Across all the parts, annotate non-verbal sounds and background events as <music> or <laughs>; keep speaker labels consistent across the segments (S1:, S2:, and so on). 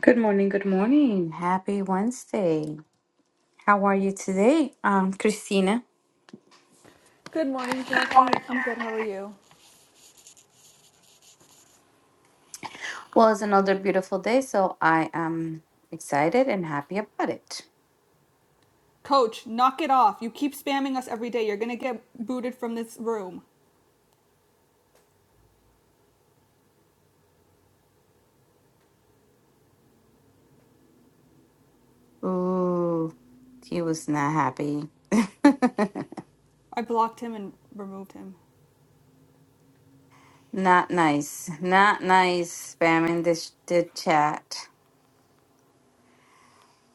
S1: Good morning, good morning. Happy Wednesday. How are you today, um, Christina?
S2: Good morning, Jackie. I'm good. How are you?
S1: Well, it's another beautiful day, so I am excited and happy about it.
S2: Coach, knock it off. You keep spamming us every day. You're going to get booted from this room.
S1: Ooh, he was not happy. <laughs>
S2: I blocked him and removed him.
S1: not nice. Not nice spamming this the chat.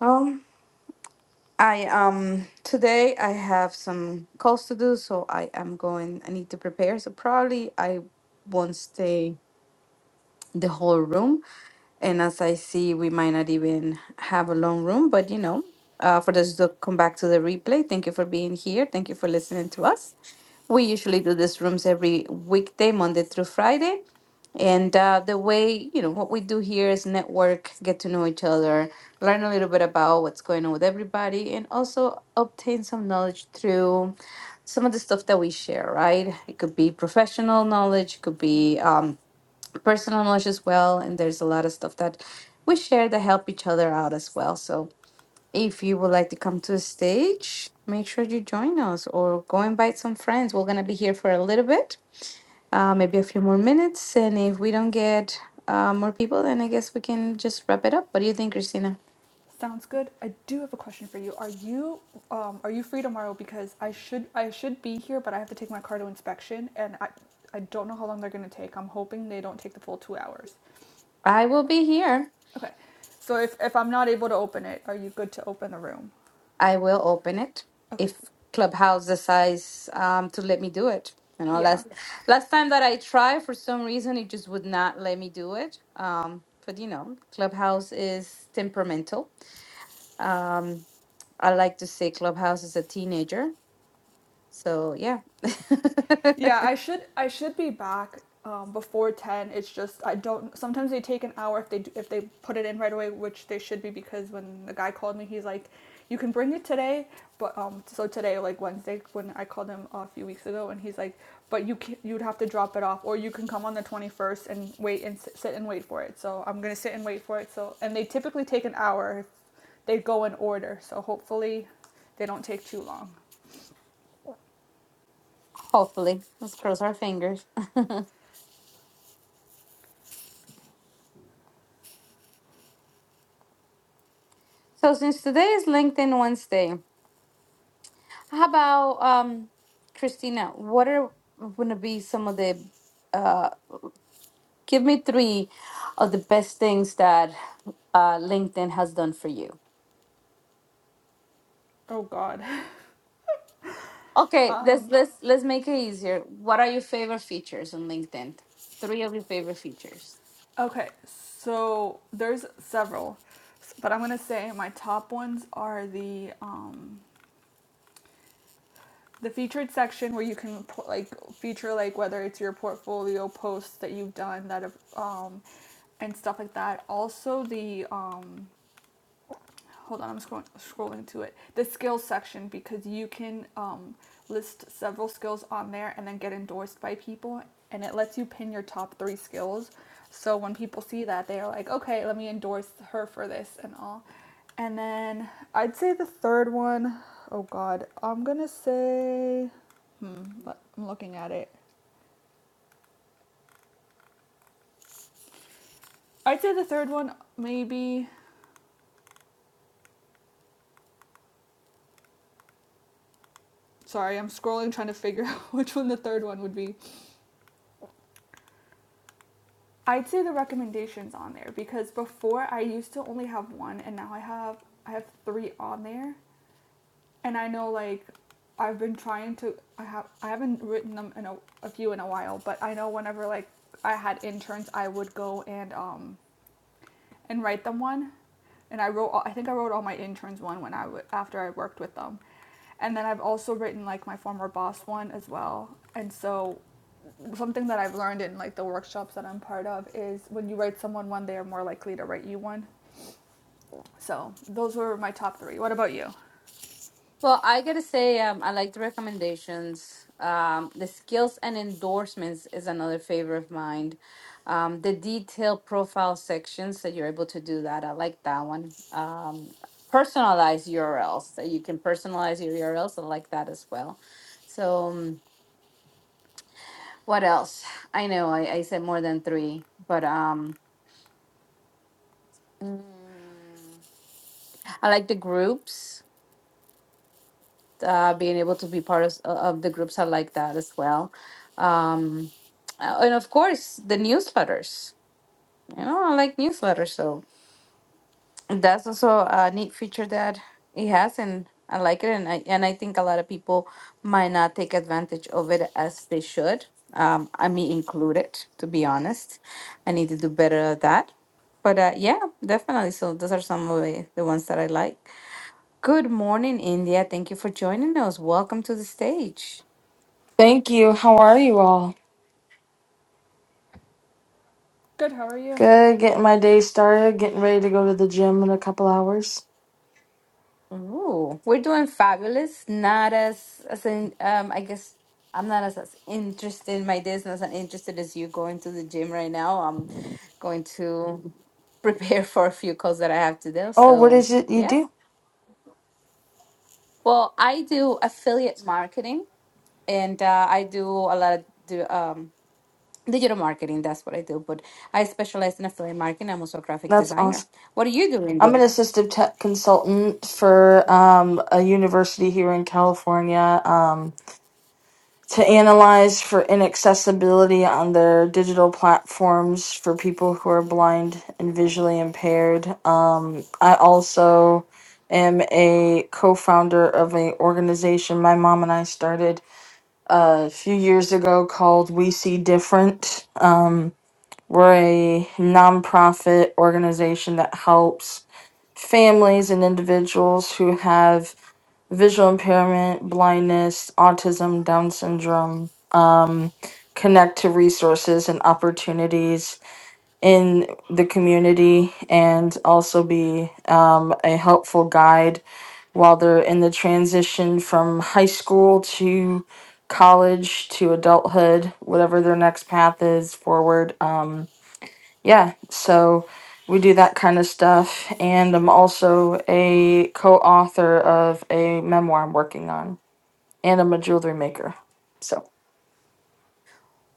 S1: Oh, I um today I have some calls to do, so I am going I need to prepare. So probably I won't stay the whole room. And as I see, we might not even have a long room, but you know, uh, for those who come back to the replay, thank you for being here. Thank you for listening to us. We usually do these rooms every weekday, Monday through Friday. And uh, the way, you know, what we do here is network, get to know each other, learn a little bit about what's going on with everybody, and also obtain some knowledge through some of the stuff that we share, right? It could be professional knowledge, it could be. Um, personal knowledge as well and there's a lot of stuff that we share that help each other out as well so if you would like to come to the stage make sure you join us or go invite some friends we're going to be here for a little bit uh, maybe a few more minutes and if we don't get uh, more people then i guess we can just wrap it up what do you think christina
S2: Sounds good. I do have a question for you. Are you um, are you free tomorrow? Because I should I should be here, but I have to take my car to inspection, and I I don't know how long they're gonna take. I'm hoping they don't take the full two hours.
S1: i will be here
S2: Okay. So if if I'm not able to open it, are you good to open the room?
S1: I will open it
S2: Okay.
S1: if Clubhouse decides um, to let me do it. You know,
S2: Yeah.
S1: last last time that I tried, for some reason, it just would not let me do it. Um, but you know, Clubhouse is temperamental. Um, I like to say Clubhouse is a teenager. So yeah, <laughs>
S2: Yeah, I should I should be back um, before ten. It's just I don't. Sometimes they take an hour if they do, if they put it in right away, which they should be because when the guy called me, he's like, "You can bring it today," but um, so today like Wednesday when I called him a few weeks ago, and he's like, "But you can, you'd have to drop it off, or you can come on the twenty first and wait and sit, sit and wait for it." So I'm gonna sit and wait for it. So and they typically take an hour. If they go in order, so hopefully they don't take too long.
S1: hopefully, let's cross our fingers. So since today is LinkedIn Wednesday, how about um, Christina? What are going to be some of the uh, Give me three of the best things that uh, LinkedIn has done for you.
S2: Oh God. <laughs>
S1: Okay,
S2: um.
S1: let's let's let's make it easier. What are your favorite features on LinkedIn? Three of your favorite features.
S2: Okay, so there's several, but I'm gonna say my top ones are the um, the featured section where you can put, like feature like whether it's your portfolio posts that you've done that have, um, and stuff like that. Also the um, hold on, I'm scrolling, scrolling to it. The skills section because you can um, list several skills on there and then get endorsed by people, and it lets you pin your top three skills. So when people see that, they are like, okay, let me endorse her for this and all. And then I'd say the third one, oh God, I'm gonna say, hmm, I'm looking at it. I'd say the third one maybe. Sorry, I'm scrolling trying to figure <laughs> out which one the third one would be. I'd say the recommendations on there because before I used to only have one and now I have I have three on there and I know like I've been trying to I have I haven't written them in a, a few in a while but I know whenever like I had interns I would go and um and write them one. And I wrote, all, I think I wrote all my interns one when I w- after I worked with them, and then I've also written like my former boss one as well. And so, something that I've learned in like the workshops that I'm part of is when you write someone one, they are more likely to write you one. So those were my top three. What about you?
S1: Well, I gotta say, um, I like the recommendations. Um, the skills and endorsements is another favorite of mine. Um, the detailed profile sections that you're able to do that, I like that one. Um, personalized URLs that you can personalize your URLs, I like that as well. So. um, What else? I know I, I said more than three, but um, Mm. I like the groups. Uh, being able to be part of, of the groups, I like that as well. Um, uh, and of course, the newsletters. You know, I like newsletters, so That's also a neat feature that it has, and I like it, and I and I think a lot of people might not take advantage of it as they should. Um, I mean, included, to be honest. I need to do better at that. But uh, yeah, definitely. So those are some of the, the ones that I like. Good morning, India. Thank you for joining us. Welcome to the stage.
S3: Thank you. How are you all?
S2: Good. How are you?
S3: Good. Getting my day started. Getting ready to go to the gym in a couple hours.
S1: Ooh, we're doing fabulous. Not as as in um I guess I'm not as, as interested in my days, not as interested as you going to the gym right now. I'm going to <laughs> prepare for a few calls that I have to do.
S3: Oh, what
S1: So
S3: is it you
S1: yeah.
S3: do?
S1: Well, I do affiliate marketing and uh, I do a lot of do, um digital marketing. That's what I do. But I specialize in affiliate marketing. I'm also a graphic
S3: That's
S1: designer.
S3: awesome.
S1: What are you doing,
S3: I'm an
S1: dear?
S3: assistive tech consultant for um, a university here in California um, to analyze for inaccessibility on their digital platforms for people who are blind and visually impaired. Um, I also am a co-founder of an organization my mom and I started a few years ago called We See Different. Um, we're a nonprofit organization that helps families and individuals who have visual impairment, blindness, autism, Down syndrome, um, connect to resources and opportunities in the community and also be um, a helpful guide while they're in the transition from high school to college to adulthood, whatever their next path is forward. Um, yeah, so we do that kind of stuff. And I'm also a co author of a memoir I'm working on, and I'm a jewelry maker. So,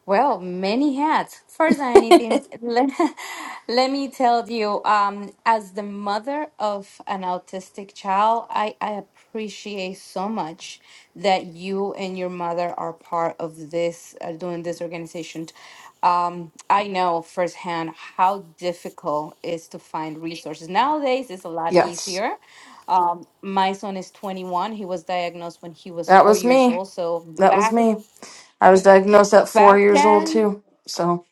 S1: Well, many hats. First, I need to- let, <laughs> let me tell you, um, as the mother of an autistic child, I, I appreciate so much that you and your mother are part of this, uh, doing this organization. Um, I know firsthand how difficult it is to find resources. Nowadays, it's a lot
S3: yes,
S1: easier. Um, my son is 21. He was diagnosed when he was
S3: that
S1: four
S3: was
S1: years
S3: me.
S1: old. So
S3: That was
S1: back
S3: me. I was diagnosed at four
S1: back
S3: years old,
S1: then.
S3: too. So,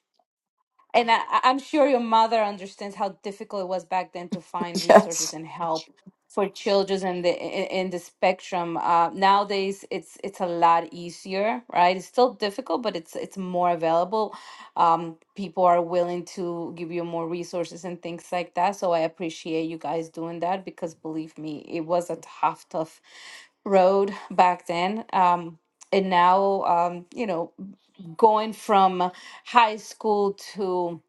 S1: And I, I- I'm sure your mother understands how difficult it was back then to find
S3: <laughs>
S1: resources
S3: yes.
S1: and help for children in the in, in the spectrum. Uh, nowadays, it's it's a lot easier, right? It's still difficult, but it's it's more available. Um, people are willing to give you more resources and things like that. So I appreciate you guys doing that because believe me, it was a tough, tough road back then. Um, and now, um, you know, going from high school to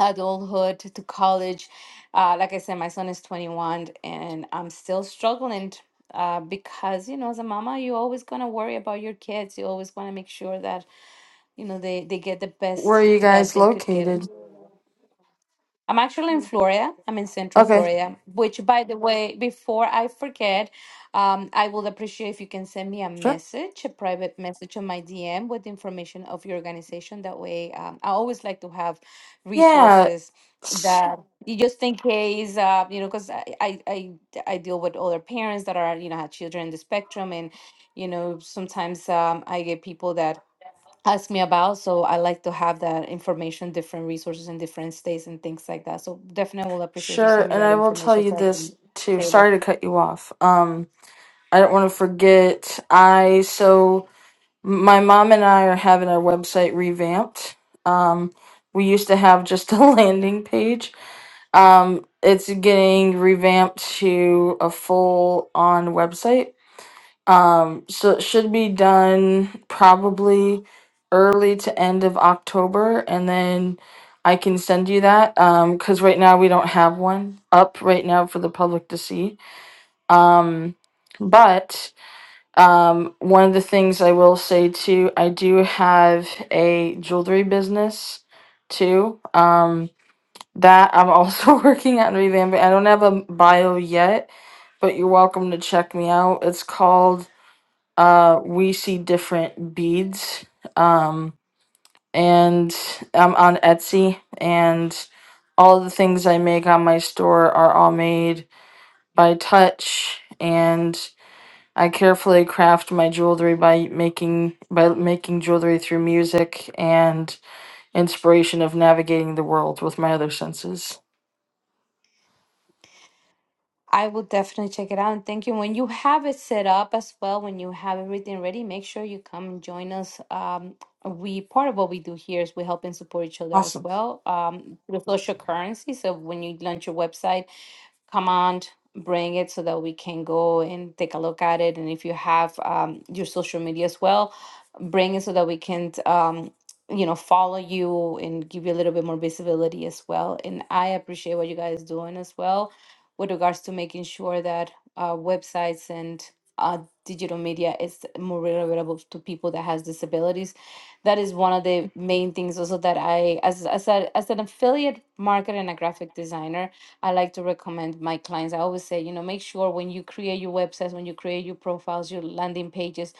S1: adulthood to college. Uh, like I said, my son is 21 and I'm still struggling uh, because, you know, as a mama, you're always going to worry about your kids. You always want to make sure that, you know, they, they get the
S3: Where
S1: best
S3: are you
S1: that
S3: guys
S1: they could
S3: located?
S1: get. I'm actually in Florida. I'm in Central
S3: Okay,
S1: Florida, which, by the way, before I forget, um, I will appreciate if you can send me a
S3: sure.
S1: message, a private message on my DM with information of your organization. That way, um, I always like to have
S3: Yeah.
S1: resources that you just in case, uh, you know, because I, I, I, I deal with older parents that are, you know, have children in the spectrum. And, you know, sometimes um, I get people that ask me about. So I like to have that information, different resources in different states and things like that. So definitely will appreciate if you
S3: Sure,
S1: send me
S3: and
S1: that
S3: I will tell
S1: information
S3: you
S1: so I can
S3: this too.
S1: save it.
S3: Sorry to cut you off. Um, I don't want to forget. I so my mom and I are having our website revamped. Um, we used to have just a <laughs> landing page. Um, it's getting revamped to a full on website. Um, so it should be done probably early to end of October, and then I can send you that Um, because right now we don't have one up right now for the public to see. Um, but um, one of the things I will say too, I do have a jewelry business too. Um, that I'm also <laughs> working on revamping. I don't have a bio yet, but you're welcome to check me out. It's called uh, we see different beads um, and I'm on Etsy and all the things I make on my store are all made by touch and I carefully craft my jewelry by making by making jewelry through music and inspiration of navigating the world with my other senses.
S1: I will definitely check it out and thank you. When you have it set up as well, when you have everything ready, make sure you come and join us. Um, we part of what we do here is we help and support each other as
S3: Awesome.
S1: well um, through social currency. So when you launch your website, command bring it so that we can go and take a look at it and if you have um, your social media as well bring it so that we can um, you know follow you and give you a little bit more visibility as well and i appreciate what you guys doing as well with regards to making sure that uh, websites and uh, digital media is more relatable to people that has disabilities that is one of the main things also that i as, as, a, as an affiliate marketer and a graphic designer I like to recommend my clients. I always say, you know, make sure when you create your websites, when you create your profiles, your landing pages,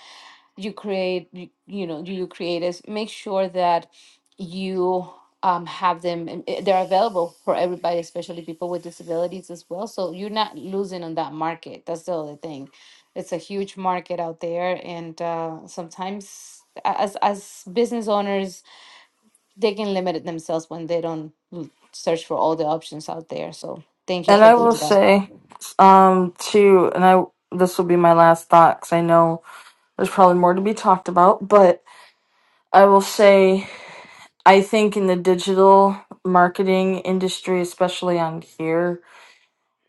S1: you create, you, you know, you create is make sure that you um, have them, and, uh, they're available for everybody, especially people with disabilities as well. So you're not losing on that market. That's the other thing. It's a huge market out there. And uh, sometimes a- as, as business owners, they can limit it themselves when they don't l- search for all the options out there. So thank you
S3: And
S1: for
S3: I
S1: doing
S3: will
S1: that.
S3: say um too and I this will be my last thought cuz I know there's probably more to be talked about, but I will say, I think in the digital marketing industry, especially on here,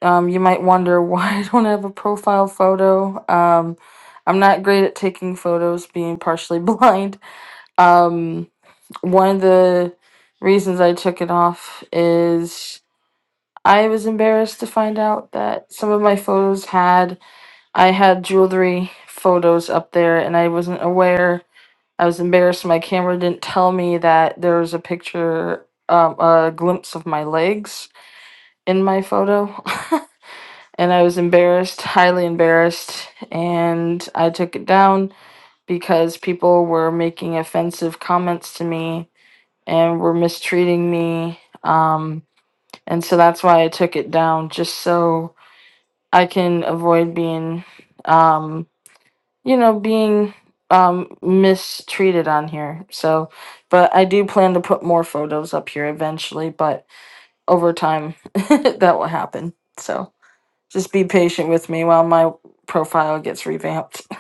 S3: um, you might wonder <laughs> why I don't have a profile photo. Um, I'm not great at taking photos, being partially <laughs> blind. Um, one of the reasons I took it off is I was embarrassed to find out that some of my photos had I had jewelry photos up there, and I wasn't aware. I was embarrassed my camera didn't tell me that there was a picture, um, a glimpse of my legs in my photo. <laughs> and I was embarrassed, highly embarrassed, and I took it down because people were making offensive comments to me and were mistreating me. Um, and so that's why I took it down, just so I can avoid being um, you know, being um mistreated on here. So, but I do plan to put more photos up here eventually, but over time <laughs> that will happen. So, just be patient with me while my profile gets revamped. <laughs>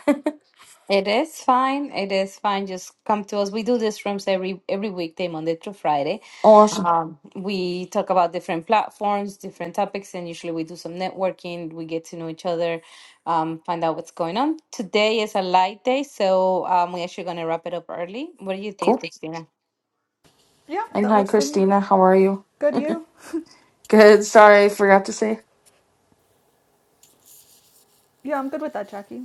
S1: It is fine. It is fine. Just come to us. We do these rooms every every weekday, Monday through Friday.
S3: Awesome.
S1: Um, we talk about different platforms, different topics, and usually we do some networking. We get to know each other, um, find out what's going on. Today is a light day, so um, we're actually going to wrap it up early. What do you think,
S3: Cool.
S1: Christina?
S2: Yeah,
S3: And
S2: that
S3: hi
S2: works for me.
S3: Christina, how are you?
S2: Good. You?
S3: Good. Sorry, I forgot to say.
S2: Yeah, I'm good with that, Jackie.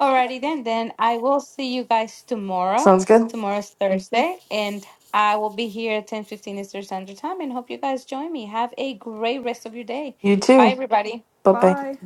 S1: Alrighty then, then I will see you guys tomorrow.
S3: Sounds good.
S1: Tomorrow's Mhm. Thursday, and I will be here at ten fifteen Eastern Standard Time. And hope you guys join me. Have a great rest of your day.
S3: You
S1: Bye,
S3: too.
S1: everybody.
S3: Bye-bye.
S2: Bye.